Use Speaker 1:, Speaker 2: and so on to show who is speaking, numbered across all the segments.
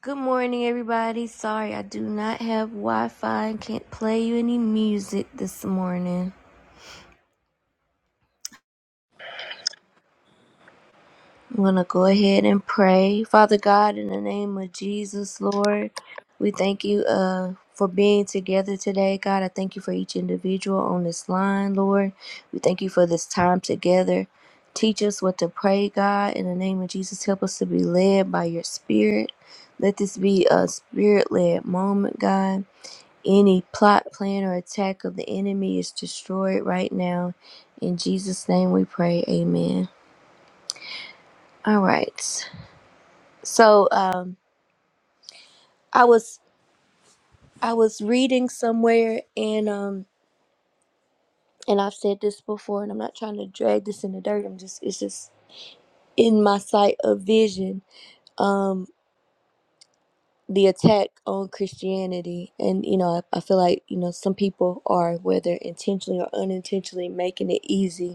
Speaker 1: Good morning, everybody. Sorry, I do not have Wi Fi and can't play you any music this morning. I'm going to go ahead and pray. Father God, in the name of Jesus, Lord, we thank you uh, for being together today. God, I thank you for each individual on this line, Lord. We thank you for this time together. Teach us what to pray, God. In the name of Jesus, help us to be led by your Spirit. Let this be a Spirit led moment, God. Any plot, plan, or attack of the enemy is destroyed right now. In Jesus' name we pray. Amen. All right. So um I was I was reading somewhere and um and I've said this before and I'm not trying to drag this in the dirt. I'm just it's just in my sight of vision. Um the attack on Christianity and you know I, I feel like you know some people are whether intentionally or unintentionally making it easy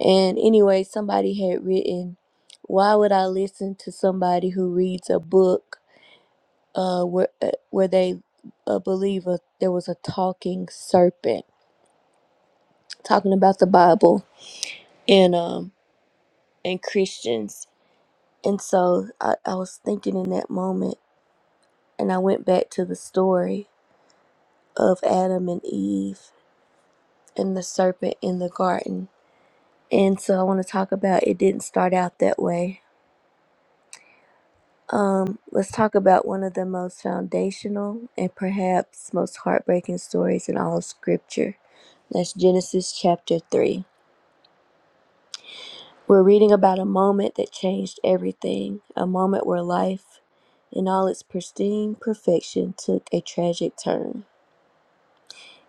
Speaker 1: And anyway, somebody had written, "Why would I listen to somebody who reads a book uh, where uh, where they uh, believe a, there was a talking serpent talking about the Bible and um and Christians?" And so I, I was thinking in that moment, and I went back to the story of Adam and Eve and the serpent in the garden. And so I want to talk about it didn't start out that way Um, let's talk about one of the most foundational and perhaps most heartbreaking stories in all of Scripture. That's Genesis chapter 3. We're reading about a moment that changed everything, a moment where life, in all its pristine perfection, took a tragic turn.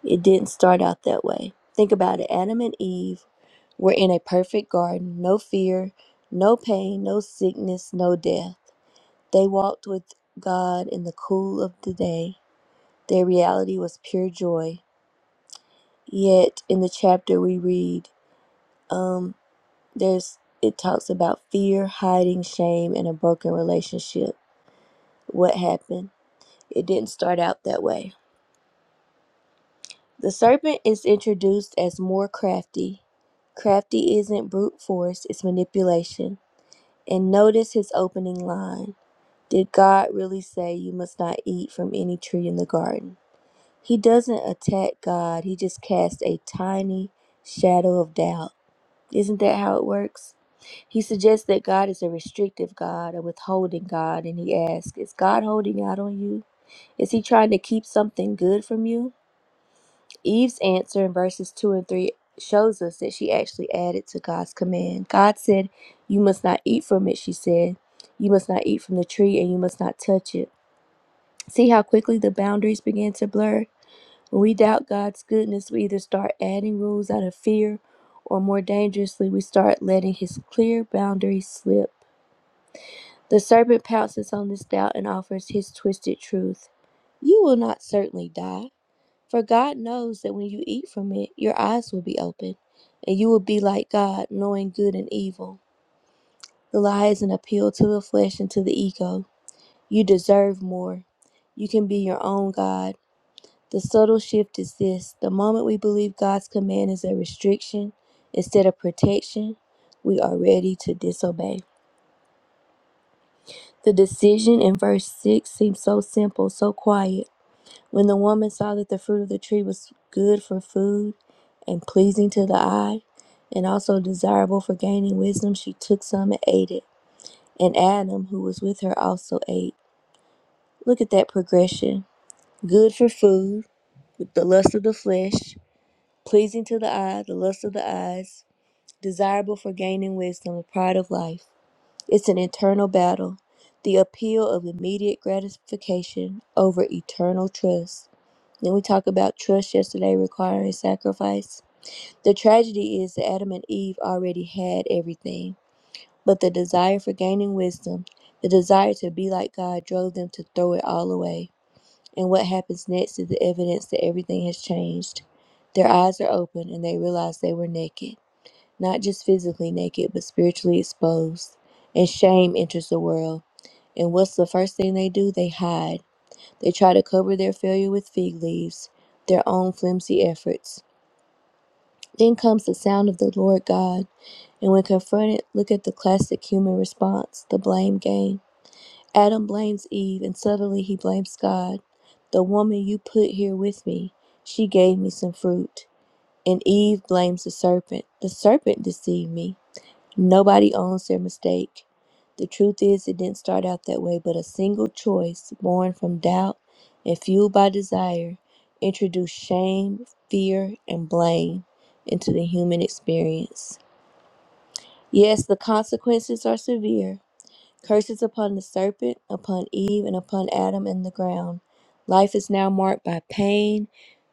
Speaker 1: It didn't start out that way. Think about it Adam and Eve were in a perfect garden, no fear, no pain, no sickness, no death. They walked with God in the cool of the day Their reality was pure joy. Yet in the chapter we read, um, there's it talks about fear, hiding, shame, and a broken relationship. What happened? It didn't start out that way. The serpent is introduced as more crafty. Crafty isn't brute force, it's manipulation. And notice his opening line Did God really say you must not eat from any tree in the garden? He doesn't attack God, he just casts a tiny shadow of doubt. Isn't that how it works? He suggests that God is a restrictive God, a withholding God, and he asks, Is God holding out on you? Is he trying to keep something good from you? Eve's answer in verses 2 and 3 shows us that she actually added to God's command. God said, You must not eat from it, she said. You must not eat from the tree, and you must not touch it. See how quickly the boundaries began to blur? When we doubt God's goodness, we either start adding rules out of fear, or more dangerously, we start letting His clear boundaries slip. The serpent pounces on this doubt and offers his twisted truth You will not certainly die, for God knows that when you eat from it, your eyes will be open, and you will be like God, knowing good and evil. The lie is an appeal to the flesh and to the ego. You deserve more. You can be your own God. The subtle shift is this the moment we believe God's command is a restriction instead of protection, we are ready to disobey. The decision in verse 6 seems so simple, so quiet. When the woman saw that the fruit of the tree was good for food and pleasing to the eye, and also desirable for gaining wisdom, she took some and ate it. And Adam, who was with her, also ate. Look at that progression good for food, with the lust of the flesh, pleasing to the eye, the lust of the eyes, desirable for gaining wisdom, the pride of life. It's an internal battle, the appeal of immediate gratification over eternal trust. Then we talk about trust yesterday requiring sacrifice. The tragedy is that Adam and Eve already had everything, but the desire for gaining wisdom, the desire to be like God, drove them to throw it all away. And what happens next is the evidence that everything has changed. Their eyes are open and they realize they were naked, not just physically naked, but spiritually exposed. And shame enters the world. And what's the first thing they do? They hide. They try to cover their failure with fig leaves, their own flimsy efforts. Then comes the sound of the Lord God. And when confronted, look at the classic human response the blame game. Adam blames Eve, and suddenly he blames God. The woman you put here with me, she gave me some fruit. And Eve blames the serpent. The serpent deceived me. Nobody owns their mistake. The truth is, it didn't start out that way, but a single choice born from doubt and fueled by desire introduced shame, fear, and blame into the human experience. Yes, the consequences are severe, Curses upon the serpent, upon Eve, and upon Adam and the ground. Life is now marked by pain,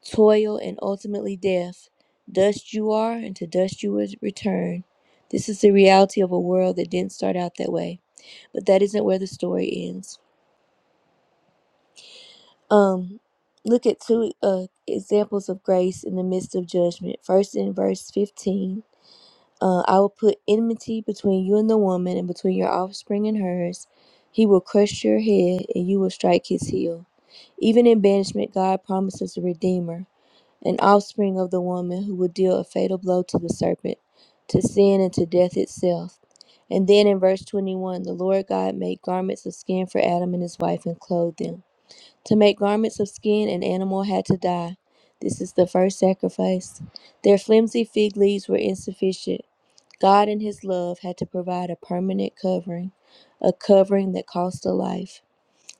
Speaker 1: toil, and ultimately death. Dust you are, and to dust you will return. This is the reality of a world that didn't start out that way, but that isn't where the story ends. Um, look at two uh, examples of grace in the midst of judgment. First, in verse 15, Uh, I will put enmity between you and the woman, and between your offspring and hers. He will crush your head, and you will strike his heel. Even in banishment, God promises a redeemer, an offspring of the woman who will deal a fatal blow to the serpent, to sin, and to death itself. And then in verse 21, the Lord God made garments of skin for Adam and his wife and clothed them. To make garments of skin, an animal had to die. This is the first sacrifice. Their flimsy fig leaves were insufficient. God, in His love, had to provide a permanent covering, a covering that cost a life.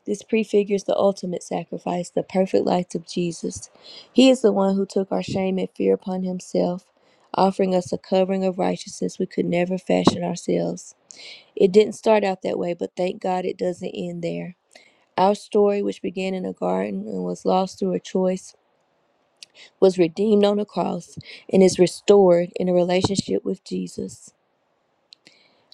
Speaker 1: This prefigures the ultimate sacrifice, the perfect life of Jesus. He is the one who took our shame and fear upon Himself, offering us a covering of righteousness we could never fashion ourselves. It didn't start out that way, but thank God it doesn't end there. Our story, which began in a garden and was lost through a choice, was redeemed on a cross and is restored in a relationship with Jesus.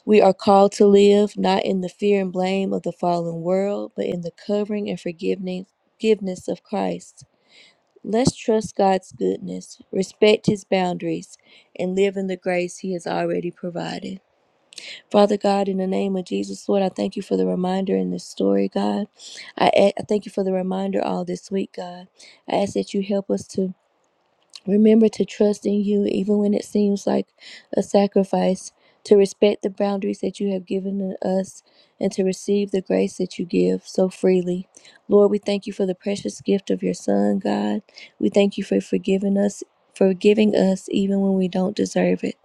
Speaker 1: We are called to live not in the fear and blame of the fallen world, but in the covering and forgiveness forgiveness of Christ. Let's trust God's goodness, respect his boundaries, and live in the grace he has already provided. Father God, in the name of Jesus, Lord, I thank you for the reminder in this story, God. I, a- I thank you for the reminder all this week, God. I ask that you help us to Remember to trust in you even when it seems like a sacrifice, to respect the boundaries that you have given us, and to receive the grace that you give so freely. Lord, we thank you for the precious gift of your Son, God. We thank you for forgiving us. Forgiving us even when we don't deserve it.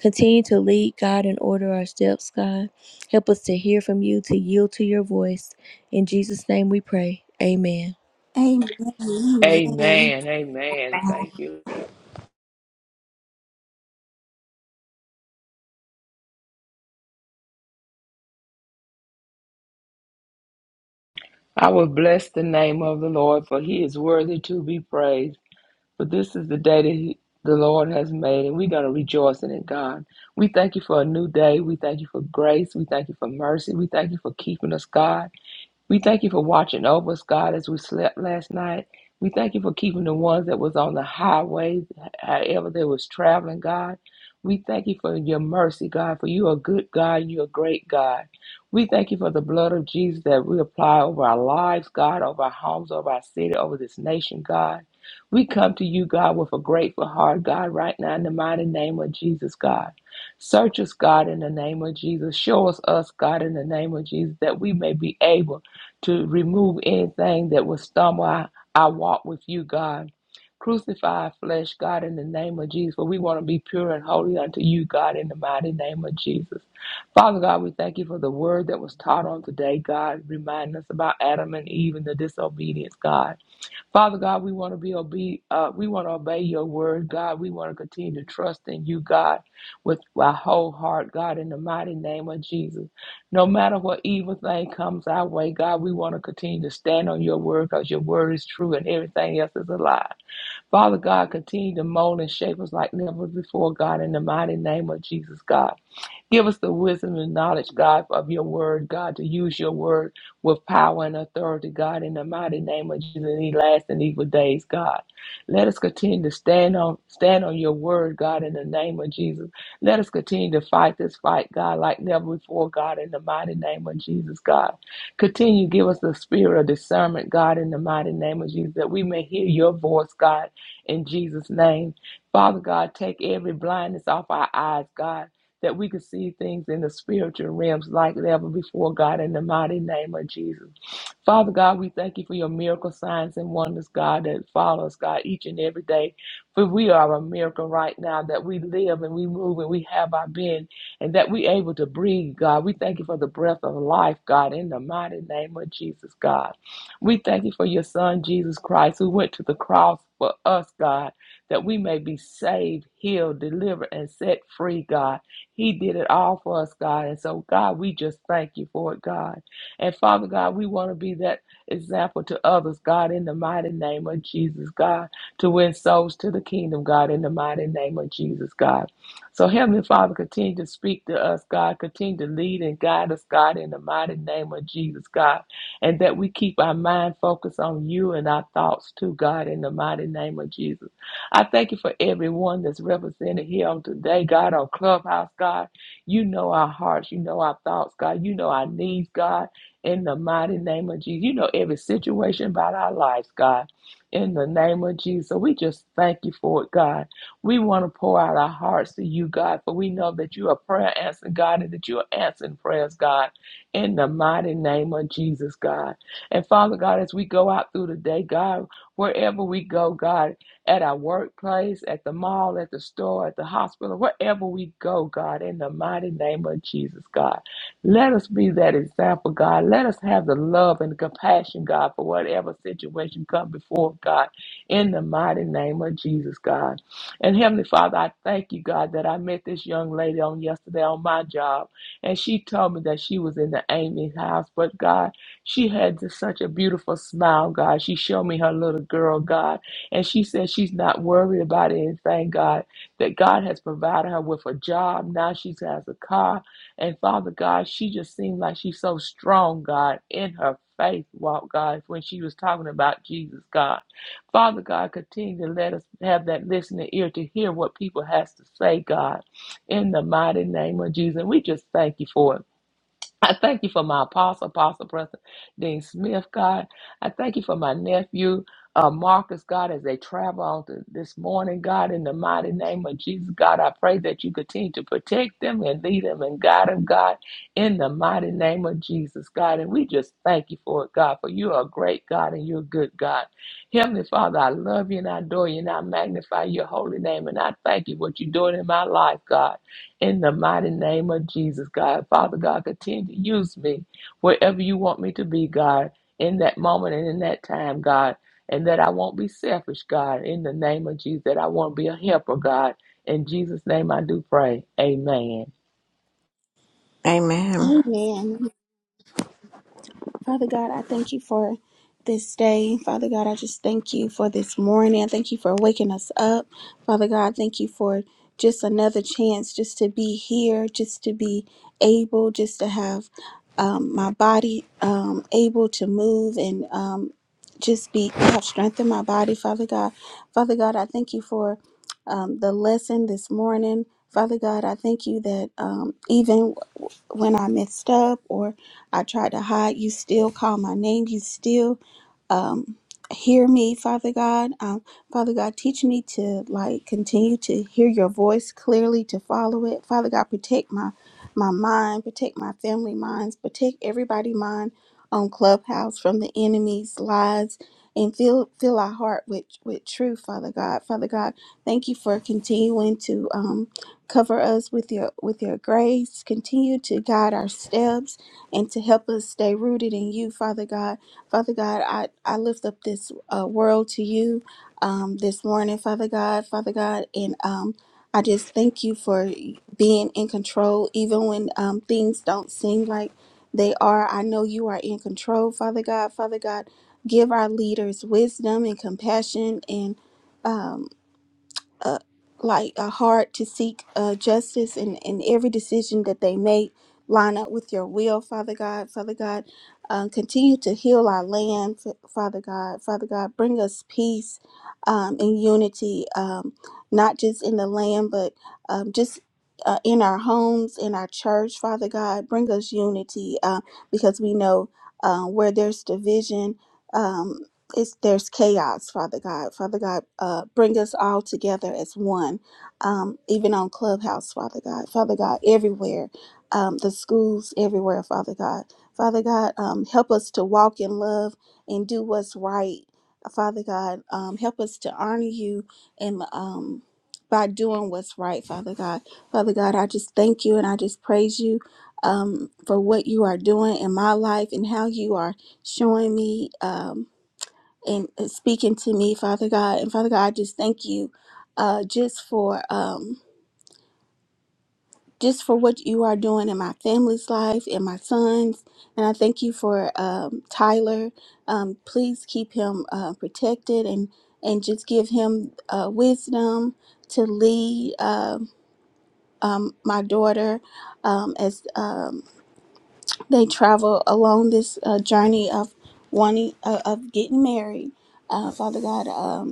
Speaker 1: Continue to lead, God, and order our steps, God. Help us to hear from you, to yield to your voice. In Jesus' name we pray. Amen.
Speaker 2: Amen. Amen.
Speaker 3: Amen. Amen. Thank you. I will bless the name of the Lord, for he is worthy to be praised. For this is the day that he, the Lord has made, and we're going to rejoice in it, God. We thank you for a new day. We thank you for grace. We thank you for mercy. We thank you for keeping us, God. We thank you for watching over us, God, as we slept last night. We thank you for keeping the ones that was on the highway, however they was traveling, God. We thank you for your mercy, God, for you are good God and you are great God. We thank you for the blood of Jesus that we apply over our lives, God, over our homes, over our city, over this nation, God. We come to you, God, with a grateful heart, God, right now in the mighty name of Jesus, God. Search us, God, in the name of Jesus. Show us us, God, in the name of Jesus, that we may be able to remove anything that would stumble our, our walk with you, God. Crucify our flesh, God, in the name of Jesus, for we want to be pure and holy unto you, God, in the mighty name of Jesus. Father God, we thank you for the word that was taught on today, God, reminding us about Adam and Eve and the disobedience, God. Father God, we want to be obe- uh, we want to obey your word, God. We want to continue to trust in you, God, with our whole heart, God, in the mighty name of Jesus. No matter what evil thing comes our way, God, we want to continue to stand on your word because your word is true and everything else is a lie. Father God, continue to mold and shape us like never before, God, in the mighty name of Jesus, God. Give us the wisdom and knowledge, God, of your word, God, to use your word with power and authority, God, in the mighty name of Jesus in these last and evil days, God. Let us continue to stand on stand on your word, God, in the name of Jesus. Let us continue to fight this fight, God, like never before, God, in the mighty name of Jesus, God. Continue to give us the spirit of discernment, God, in the mighty name of Jesus, that we may hear your voice, God, in Jesus' name. Father God, take every blindness off our eyes, God that we could see things in the spiritual realms like never before, God, in the mighty name of Jesus. Father God, we thank you for your miracle signs and wonders, God, that follow us, God, each and every day. For we are a miracle right now that we live and we move and we have our being and that we able to breathe, God. We thank you for the breath of life, God, in the mighty name of Jesus, God. We thank you for your son, Jesus Christ, who went to the cross for us, God, that we may be saved, healed, delivered, and set free, God. He did it all for us, God. And so, God, we just thank you for it, God. And Father God, we want to be that example to others, God, in the mighty name of Jesus, God, to win souls to the kingdom, God, in the mighty name of Jesus, God. So, Heavenly Father, continue to speak to us, God. Continue to lead and guide us, God, in the mighty name of Jesus, God. And that we keep our mind focused on you and our thoughts, too, God, in the mighty name of Jesus. I thank you for everyone that's represented here on today, God, on Clubhouse, God. You know our hearts, you know our thoughts, God. You know our needs, God, in the mighty name of Jesus. You know every situation about our lives, God, in the name of Jesus. So we just thank you for it, God. We want to pour out our hearts to you, God, for we know that you are prayer answering, God, and that you are answering prayers, God, in the mighty name of Jesus, God. And Father God, as we go out through the day, God, wherever we go, God at our workplace, at the mall, at the store, at the hospital, wherever we go, God, in the mighty name of Jesus, God. Let us be that example, God. Let us have the love and compassion, God, for whatever situation comes before, God, in the mighty name of Jesus, God. And Heavenly Father, I thank you, God, that I met this young lady on yesterday on my job, and she told me that she was in the Amy house, but God, she had just such a beautiful smile, God. She showed me her little girl, God and she says she's not worried about it. And thank God that God has provided her with a job. Now she has a car. And Father God, she just seemed like she's so strong, God, in her faith walk, God, when she was talking about Jesus, God. Father God, continue to let us have that listening ear to hear what people has to say, God, in the mighty name of Jesus. And we just thank you for it. I thank you for my apostle, apostle, Preston Dean Smith, God. I thank you for my nephew, uh, Marcus, God, as they travel on to this morning, God, in the mighty name of Jesus, God. I pray that you continue to protect them and lead them and guide them, God, in the mighty name of Jesus, God. And we just thank you for it, God, for you are a great God and you're a good God. Heavenly Father, I love you and I adore you and I magnify your holy name. And I thank you for what you're doing in my life, God. In the mighty name of Jesus, God. Father God, continue to use me wherever you want me to be, God, in that moment and in that time, God. And that I won't be selfish, God, in the name of Jesus. That I won't be a helper, God. In Jesus' name I do pray. Amen.
Speaker 4: Amen.
Speaker 2: Amen. Father God, I thank you for this day. Father God, I just thank you for this morning. I thank you for waking us up. Father God, thank you for just another chance just to be here, just to be able, just to have um, my body um, able to move and um, just be have strength in my body, Father God. Father God, I thank you for um, the lesson this morning. Father God, I thank you that um, even when I messed up or I tried to hide. You still call my name. You still um, hear me, Father God. Um, Father God, teach me to like continue to hear your voice clearly, to follow it. Father God, protect my my mind, protect my family minds, protect everybody mind on Clubhouse from the enemy's lies. And fill fill our heart with with truth, Father God. Father God, thank you for continuing to um, cover us with your with your grace. Continue to guide our steps and to help us stay rooted in you, Father God Father God, I, I lift up this uh, world to you um, this morning, Father God, Father God, and um, I just thank you for being in control, even when um, things don't seem like they are. I know you are in control, Father God, Father God. Give our leaders wisdom and compassion and um, uh, like a heart to seek uh, justice and and every decision that they make line up with your will father god father god uh, continue to heal our land F- father god father god bring us peace um, and unity um, not just in the land but um, just uh, in our homes in our church father god bring us unity uh, because we know uh, where there's division um, it's there's chaos, Father God. Father God, uh, bring us all together as one, um, even on Clubhouse, Father God. Father God, everywhere, um, the schools, everywhere, Father God. Father God, um, help us to walk in love and do what's right, Father God. Um, help us to honor you and um, by doing what's right, Father God. Father God, I just thank you and I just praise you um, for what you are doing in my life and how you are showing me. Um, and uh, speaking to me, Father God. And Father God, I just thank you uh, just for um, just for what you are doing in my family's life and my son's. And I thank you for um, Tyler. Um, please keep him uh, protected and and just give him uh, wisdom to lead um um, my daughter um, as um, they travel along this uh, journey of wanting uh, of getting married. Uh, Father God. Um,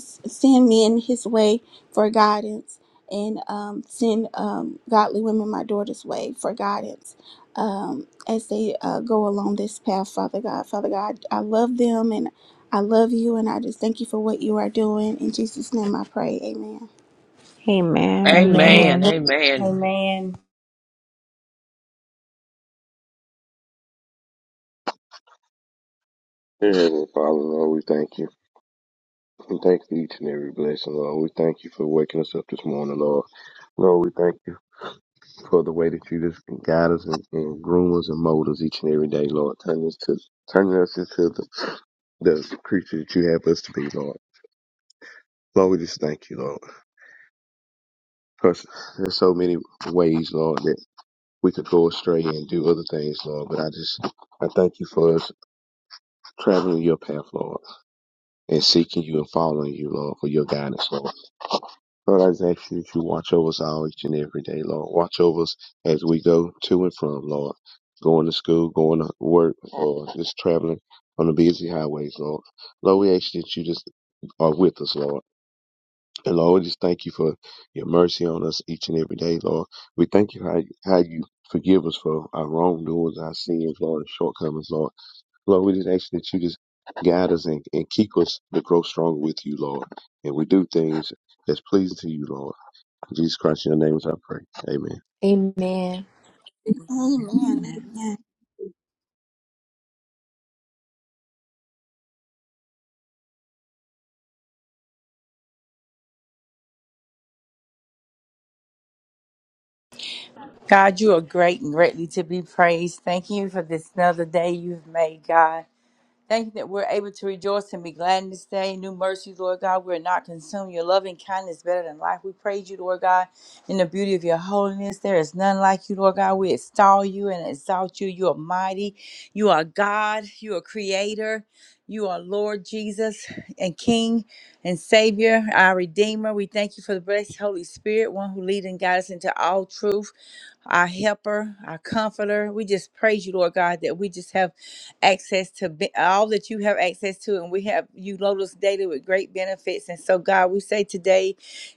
Speaker 2: send men his way for guidance and um, send um, godly women my daughter's way for guidance um, as they uh, go along this path, Father God. Father God, I love them and I love you, and I just thank you for what you are doing. In Jesus' name I pray. Amen.
Speaker 4: Amen.
Speaker 1: Amen.
Speaker 3: Amen.
Speaker 5: Amen.
Speaker 3: Amen.
Speaker 5: Amen.
Speaker 6: Heavenly Father, Lord, we thank you. We thank you for each and every blessing, Lord. We thank you for waking us up this morning, Lord. Lord, we thank you for the way that you just guide us and, and groom us and mold us each and every day, Lord. Turn us to turning us into the, the creature that you have us to be, Lord. Lord, we just thank you, Lord. Because there's so many ways, Lord, that we could go astray and do other things, Lord. But I just I thank you for us traveling your path, Lord, and seeking you and following you, Lord, for your guidance, Lord. Lord, I just ask you that you watch over us all each and every day, Lord. Watch over us as we go to and from, Lord. Going to school, going to work, or just traveling on the busy highways, Lord. Lord, we ask you that you just are with us, Lord. And Lord, we just thank you for your mercy on us each and every day, Lord. We thank you how, how you forgive us for our wrongdoings, our sins, Lord, and shortcomings, Lord. Lord, we just ask you that you just guide us and, and keep us to grow stronger with you, Lord. And we do things that's pleasing to you, Lord. In Jesus Christ, in your name is I pray. Amen.
Speaker 1: Amen.
Speaker 2: Amen.
Speaker 4: Amen.
Speaker 5: God, you are great and greatly to be praised. Thank you for this another day you've made, God. Thank you that we're able to rejoice and be glad in this day. New mercies, Lord God. We're not consumed. Your loving kindness better than life. We praise you, Lord God, in the beauty of your holiness. There is none like you, Lord God. We extol you and exalt you. You are mighty. You are God. You are creator. You are Lord Jesus and King and Savior, our Redeemer. We thank you for the blessed Holy Spirit, one who leads and guides us into all truth our helper, our comforter. We just praise you, Lord God, that we just have access to be- all that you have access to, and we have you load us daily with great benefits. And so, God, we say today,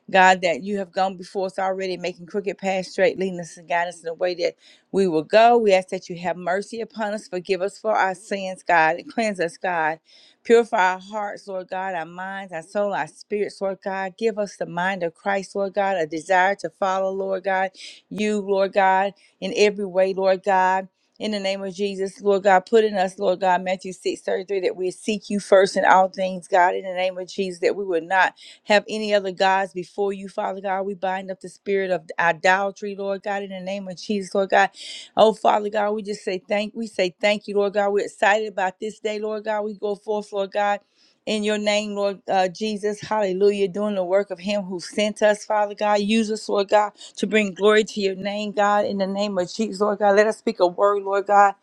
Speaker 5: God, that you have gone before us already, making crooked paths straight, leading us and guiding us in the way that we will go. We ask that you have mercy upon us, forgive us for our sins, God, and cleanse us, God. Purify our hearts, Lord God, our minds, our soul, our spirits, Lord God. Give us the mind of Christ, Lord God, a desire to follow, Lord God you, Lord God, in every way, Lord God. In the name of Jesus, Lord God, put in us, Lord God, Matthew 6 33, that we seek you first in all things, God, in the name of Jesus, that we would not have any other gods before you, Father God. We bind up the spirit of idolatry, Lord God, in the name of Jesus, Lord God. Oh, Father God, we just say thank we say thank you, Lord God. We're excited about this day, Lord God. We go forth, Lord God. In your name, Lord uh, Jesus, hallelujah, doing the work of Him who sent us, Father God. Use us, Lord God to bring glory to your name, God, in the name of Jesus, Lord God. Let us speak a word, Lord God,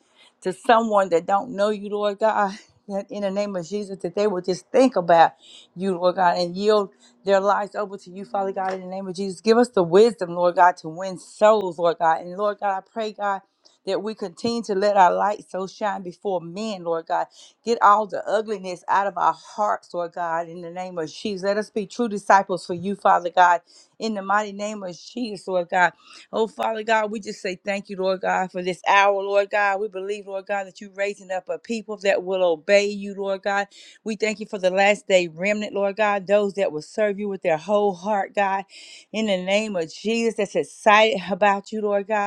Speaker 5: to someone that don't know you, Lord God. That in the name of Jesus, that they will just think about you, Lord God, and yield their lives over to you, Father God, in the name of Jesus. Give us the wisdom, Lord God, to win souls, Lord God. And Lord God, I pray, God, that we continue to let our light so shine before men, Lord God. Get all the ugliness out of our hearts, Lord God, in the name of Jesus. Let us be true disciples for you, Father God in the mighty name of Jesus, Lord God. Oh, Father God, we just say thank you, Lord God, for this hour, Lord God. We believe, Lord God, that you're raising up a people that will obey you, Lord God. We thank you for the last day remnant, Lord God, those that will serve you with their whole heart, God, in the name of Jesus, that's excited about you, Lord God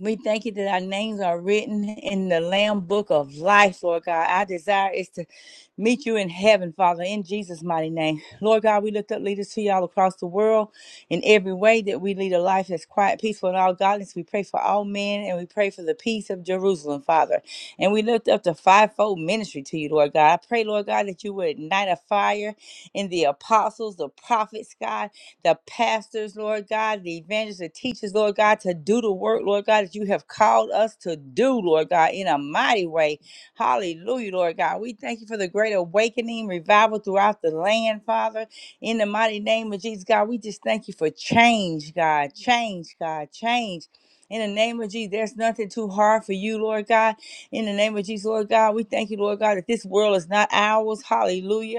Speaker 5: we thank you that our names are written in the Lamb Book of Life, Lord God. Our desire is to meet you in heaven, Father, in Jesus' mighty name. Lord God, we lift up leaders to you all across the world in every way that we lead a life that's quiet, peaceful, and all godliness. We pray for all men and we pray for the peace of Jerusalem, Father. And we lift up the fivefold ministry to you, Lord God. I pray, Lord God, that you would ignite a fire in the apostles, the prophets, God the pastors, Lord God, the evangelists, the teachers, Lord God, to do the work, Lord God, that you have called us to do, Lord God, in a mighty way. Hallelujah, Lord God. We thank you for the great awakening, revival throughout the land, Father. In the mighty name of Jesus, God, we just thank you for change, God, change, God, change. In the name of Jesus, there's nothing too hard for you, Lord God. In the name of Jesus, Lord God, we thank you, Lord God, that this world is not ours. Hallelujah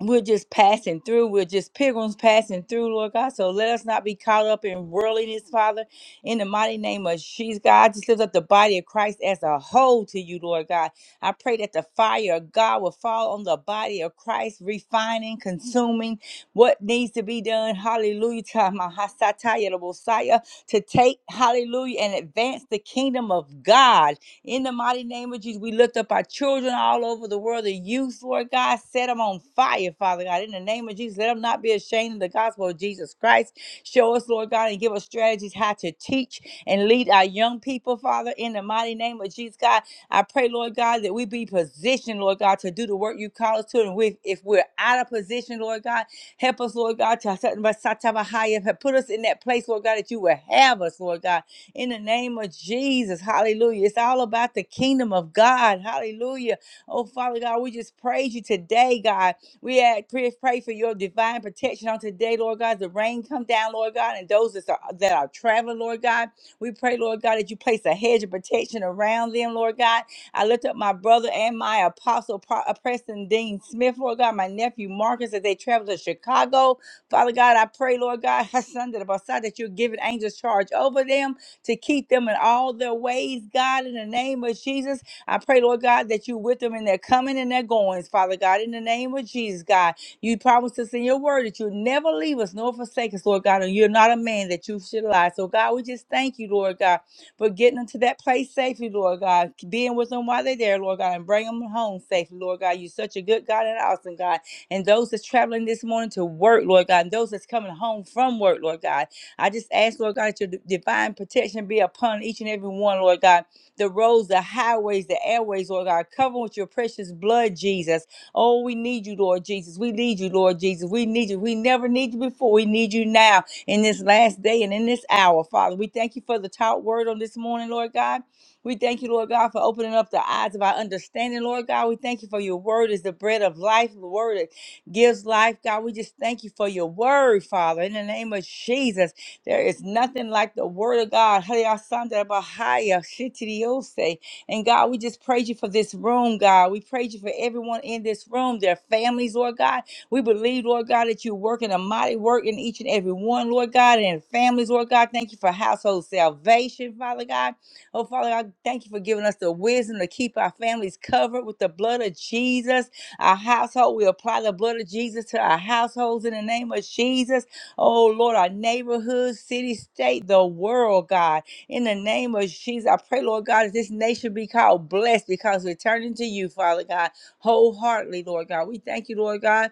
Speaker 5: we're just passing through. We're just pilgrims passing through, Lord God. So let us not be caught up in worldliness, Father. In the mighty name of Jesus, God, I just lift up the body of Christ as a whole to you, Lord God. I pray that the fire of God will fall on the body of Christ, refining, consuming what needs to be done. Hallelujah. Ta- ma- ha- sa- the Messiah, To take, hallelujah, and advance the kingdom of God. In the mighty name of Jesus, we lift up our children all over the world, the youth, Lord God. Set them on fire, Father God. In the name of Jesus, let them not be ashamed of the gospel of Jesus Christ. Show us, Lord God, and give us strategies how to teach and lead our young people, Father. In the mighty name of Jesus, God, I pray, Lord God, that we be positioned, Lord God, to do the work you call us to. And we, if we're out of position, Lord God, help us, Lord God, to put us in that place, Lord God, that you will have us, Lord God in the name of Jesus. Hallelujah. It's all about the kingdom of God. Hallelujah. Oh, Father God, we just praise you today, God. We ask- pray, pray for your divine protection on today, Lord God. The rain come down, Lord God, and those that are, that are traveling, Lord God. We pray, Lord God, that you place a hedge of protection around them, Lord God. I lift up my brother and my apostle, Pro- uh, Preston Dean Smith, Lord God, my nephew Marcus, as they travel to Chicago. Father God, I pray, Lord God, Sunday, the Messiah, that you're giving angels charge over them to keep them in all their ways, God, in the name of Jesus. I pray, Lord God, that you with them in their coming and their goings, Father God, in the name of Jesus, God. You promised us in your word that you'll never leave us nor forsake us, Lord God, and you're not a man that you should lie. So, God, we just thank you, Lord God, for getting them to that place safely, Lord God, being with them while they're there, Lord God, and bring them home safely, Lord God. You're such a good God and awesome God. And those that's traveling this morning to work, Lord God, and those that's coming home from work, Lord God. I just ask, Lord God, that your d- divine protection be upon each and every one, Lord God. The roads, the highways, the airways, Lord God, cover with your precious blood, Jesus. Oh, we need you, Lord Jesus. We need you, Lord Jesus. We need you. We never need you before. We need you now in this last day and in this hour, Father. We thank you for the taught word on this morning, Lord God. We thank you, Lord God, for opening up the eyes of our understanding, Lord God. We thank you for your word is the bread of life, the word that gives life, God. We just thank you for your word, Father, in the name of Jesus. There is nothing like the word of God. Hallelujah. Shittidiose. And God, we just praise you for this room, God. We praise you for everyone in this room, their families, Lord God. We believe, Lord God, that you work in a mighty work in each and every one, Lord God, and in families, Lord God. Thank you for household salvation, Father God. Oh, Father God, thank you for giving us the wisdom to keep our families covered with the blood of Jesus. Our household, we apply the blood of Jesus to our households in the name of Jesus. Oh Lord, our neighborhood, city, state, the world, God. In the name of Jesus, I pray, Lord God, that this nation be called blessed because we're turning to you, Father God, wholeheartedly, Lord God. We thank you, Lord God.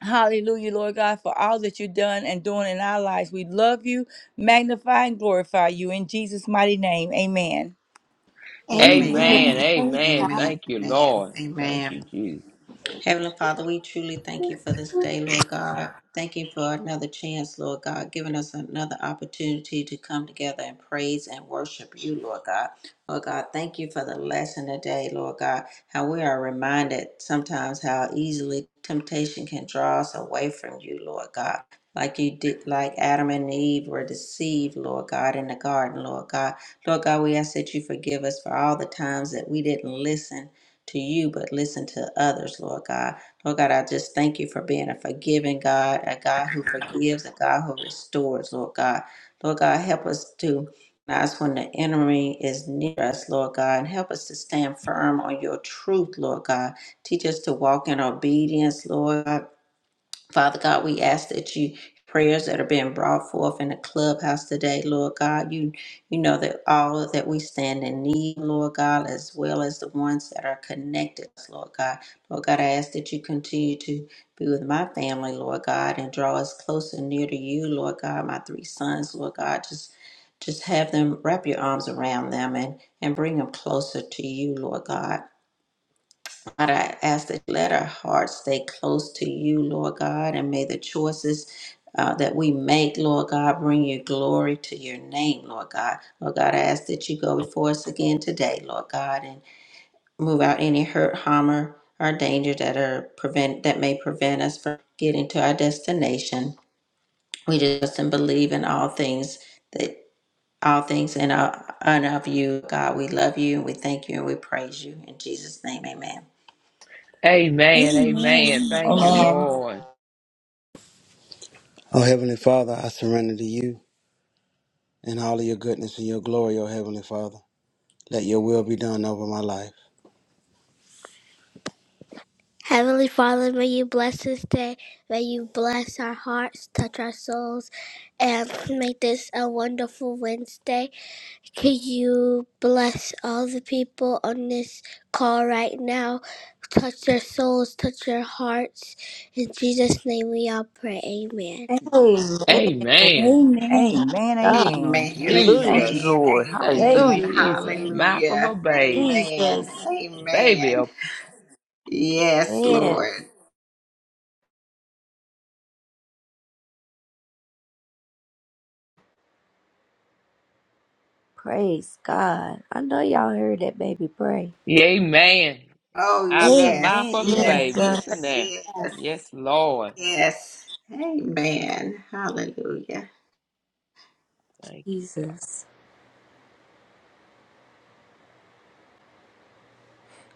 Speaker 5: Hallelujah, Lord God, for all that you've done and doing in our lives. We love you, magnify, and glorify you in Jesus' mighty name. Amen.
Speaker 2: Amen.
Speaker 4: Amen.
Speaker 3: Amen.
Speaker 2: Amen.
Speaker 4: Amen.
Speaker 3: Amen. Thank you,
Speaker 4: Amen.
Speaker 3: Lord. Thank
Speaker 4: Amen.
Speaker 3: you, Jesus.
Speaker 4: Heavenly Father, we truly thank you for this day, Lord God. Thank you for another chance, Lord God, giving us another opportunity to come together and praise and worship you, Lord God. Lord God, thank you for the lesson today, Lord God, how we are reminded sometimes how easily temptation can draw us away from you, Lord God. Like you did, like Adam and Eve were deceived, Lord God, in the garden, Lord God. Lord God, we ask that you forgive us for all the times that we didn't listen to you, but listen to others, Lord God. Lord God, I just thank you for being a forgiving God, a God who forgives, a God who restores, Lord God. Lord God, help us to recognize when the enemy is near us, Lord God, and help us to stand firm on your truth, Lord God. Teach us to walk in obedience, Lord. God. Father God, we ask that you prayers that are being brought forth in the clubhouse today, Lord God, you you know that all that we stand in need, Lord God, as well as the ones that are connected, Lord God. Lord God, I ask that you continue to be with my family, Lord God, and draw us closer near to you, Lord God, my three sons, Lord God, just just have them wrap your arms around them and and bring them closer to you, Lord God. God, I ask that you let our hearts stay close to you, Lord God, and may the choices uh, that we make, Lord God, bring you glory to your name, Lord God. Lord God, I ask that you go before us again today, Lord God, and move out any hurt, harm, or or danger that are prevent that may prevent us from getting to our destination. We just and believe in all things that all things in our and of you, God. We love you and we thank you and we praise you in Jesus' name, Amen.
Speaker 3: Amen. Amen. Thank you,
Speaker 2: Amen.
Speaker 5: Amen.
Speaker 3: Lord.
Speaker 7: Oh, Heavenly Father, I surrender to you and all of your goodness and your glory, oh Heavenly Father. Let your will be done over my life. Heavenly Father, may you bless this day. May you bless our hearts, touch our souls, and make this a wonderful Wednesday. Could you bless all the people on this call right now? Touch their souls, touch their hearts. In Jesus' name we all pray. Amen.
Speaker 1: Amen.
Speaker 3: Amen.
Speaker 2: Amen.
Speaker 5: Amen. Amen.
Speaker 4: Amen,
Speaker 1: Hallelujah.
Speaker 5: Thank you,
Speaker 3: Jesus.
Speaker 4: amen,
Speaker 5: Lord.
Speaker 3: Thank you,
Speaker 1: Thank
Speaker 4: amen,
Speaker 5: Hallelujah.
Speaker 1: you,
Speaker 3: Jesus.
Speaker 1: Lord.
Speaker 3: Mouth of a
Speaker 4: hallelujah,
Speaker 3: babe.
Speaker 1: Jesus.
Speaker 4: amen,
Speaker 3: The baby
Speaker 4: amen.
Speaker 3: open.
Speaker 4: Yes,
Speaker 1: Man,
Speaker 4: Lord.
Speaker 1: praise God. I know y'all heard that baby pray.
Speaker 3: Yea, man.
Speaker 4: Oh,
Speaker 3: Out of the mouth
Speaker 4: yes,
Speaker 3: of the
Speaker 4: yes,
Speaker 1: Oh
Speaker 3: babe.
Speaker 1: God,
Speaker 3: Listen
Speaker 4: yes,
Speaker 3: there.
Speaker 4: yes,
Speaker 3: Yes, Lord.
Speaker 4: yes. Amen, hallelujah.
Speaker 3: Thank you, God.
Speaker 1: Jesus.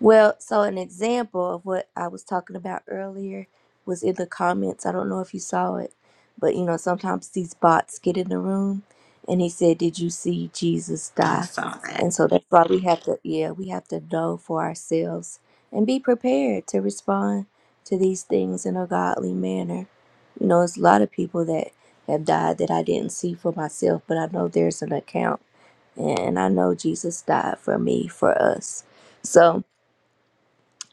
Speaker 1: Well, so an example of what I was talking about earlier was in the comments. I don't know if you saw it, but you know, sometimes these bots get in the room and he said, Did you see Jesus
Speaker 4: I
Speaker 1: die?
Speaker 4: saw that.
Speaker 1: And so that's why we have to, yeah, we have to know for ourselves and be prepared to respond to these things in a godly manner. You know, there's a lot of people that have died that I didn't see for myself, but I know there's an account and I know Jesus died for me, for us. So,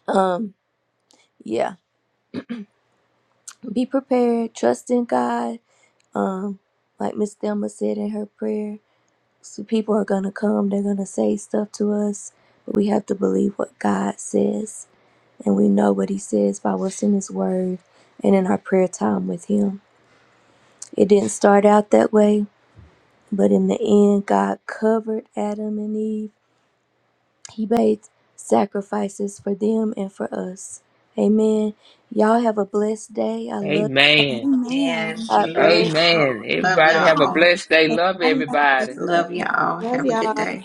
Speaker 1: um, yeah, be prepared, trust in God. Um, like Miss Thelma said in her prayer, so people are gonna come, they're gonna say stuff to us, but we have to believe what God says, and we know what He says by what's in His Word and in our prayer time with Him. It didn't start out that way, but in the end, God covered Adam and Eve, He made sacrifices for them and for us. Amen. Y'all have a blessed day. I love
Speaker 2: Amen.
Speaker 3: Amen.
Speaker 2: Amen.
Speaker 4: And
Speaker 1: you.
Speaker 4: we
Speaker 1: God
Speaker 4: love
Speaker 1: bless
Speaker 3: Amen.
Speaker 4: y'all, love
Speaker 3: Everybody have a
Speaker 4: y'all,
Speaker 3: blessed day. Love
Speaker 2: Everybody have a blessed
Speaker 3: everybody.
Speaker 2: day.
Speaker 4: love y'all.
Speaker 2: Love
Speaker 4: Have a good
Speaker 2: y'all.
Speaker 4: day.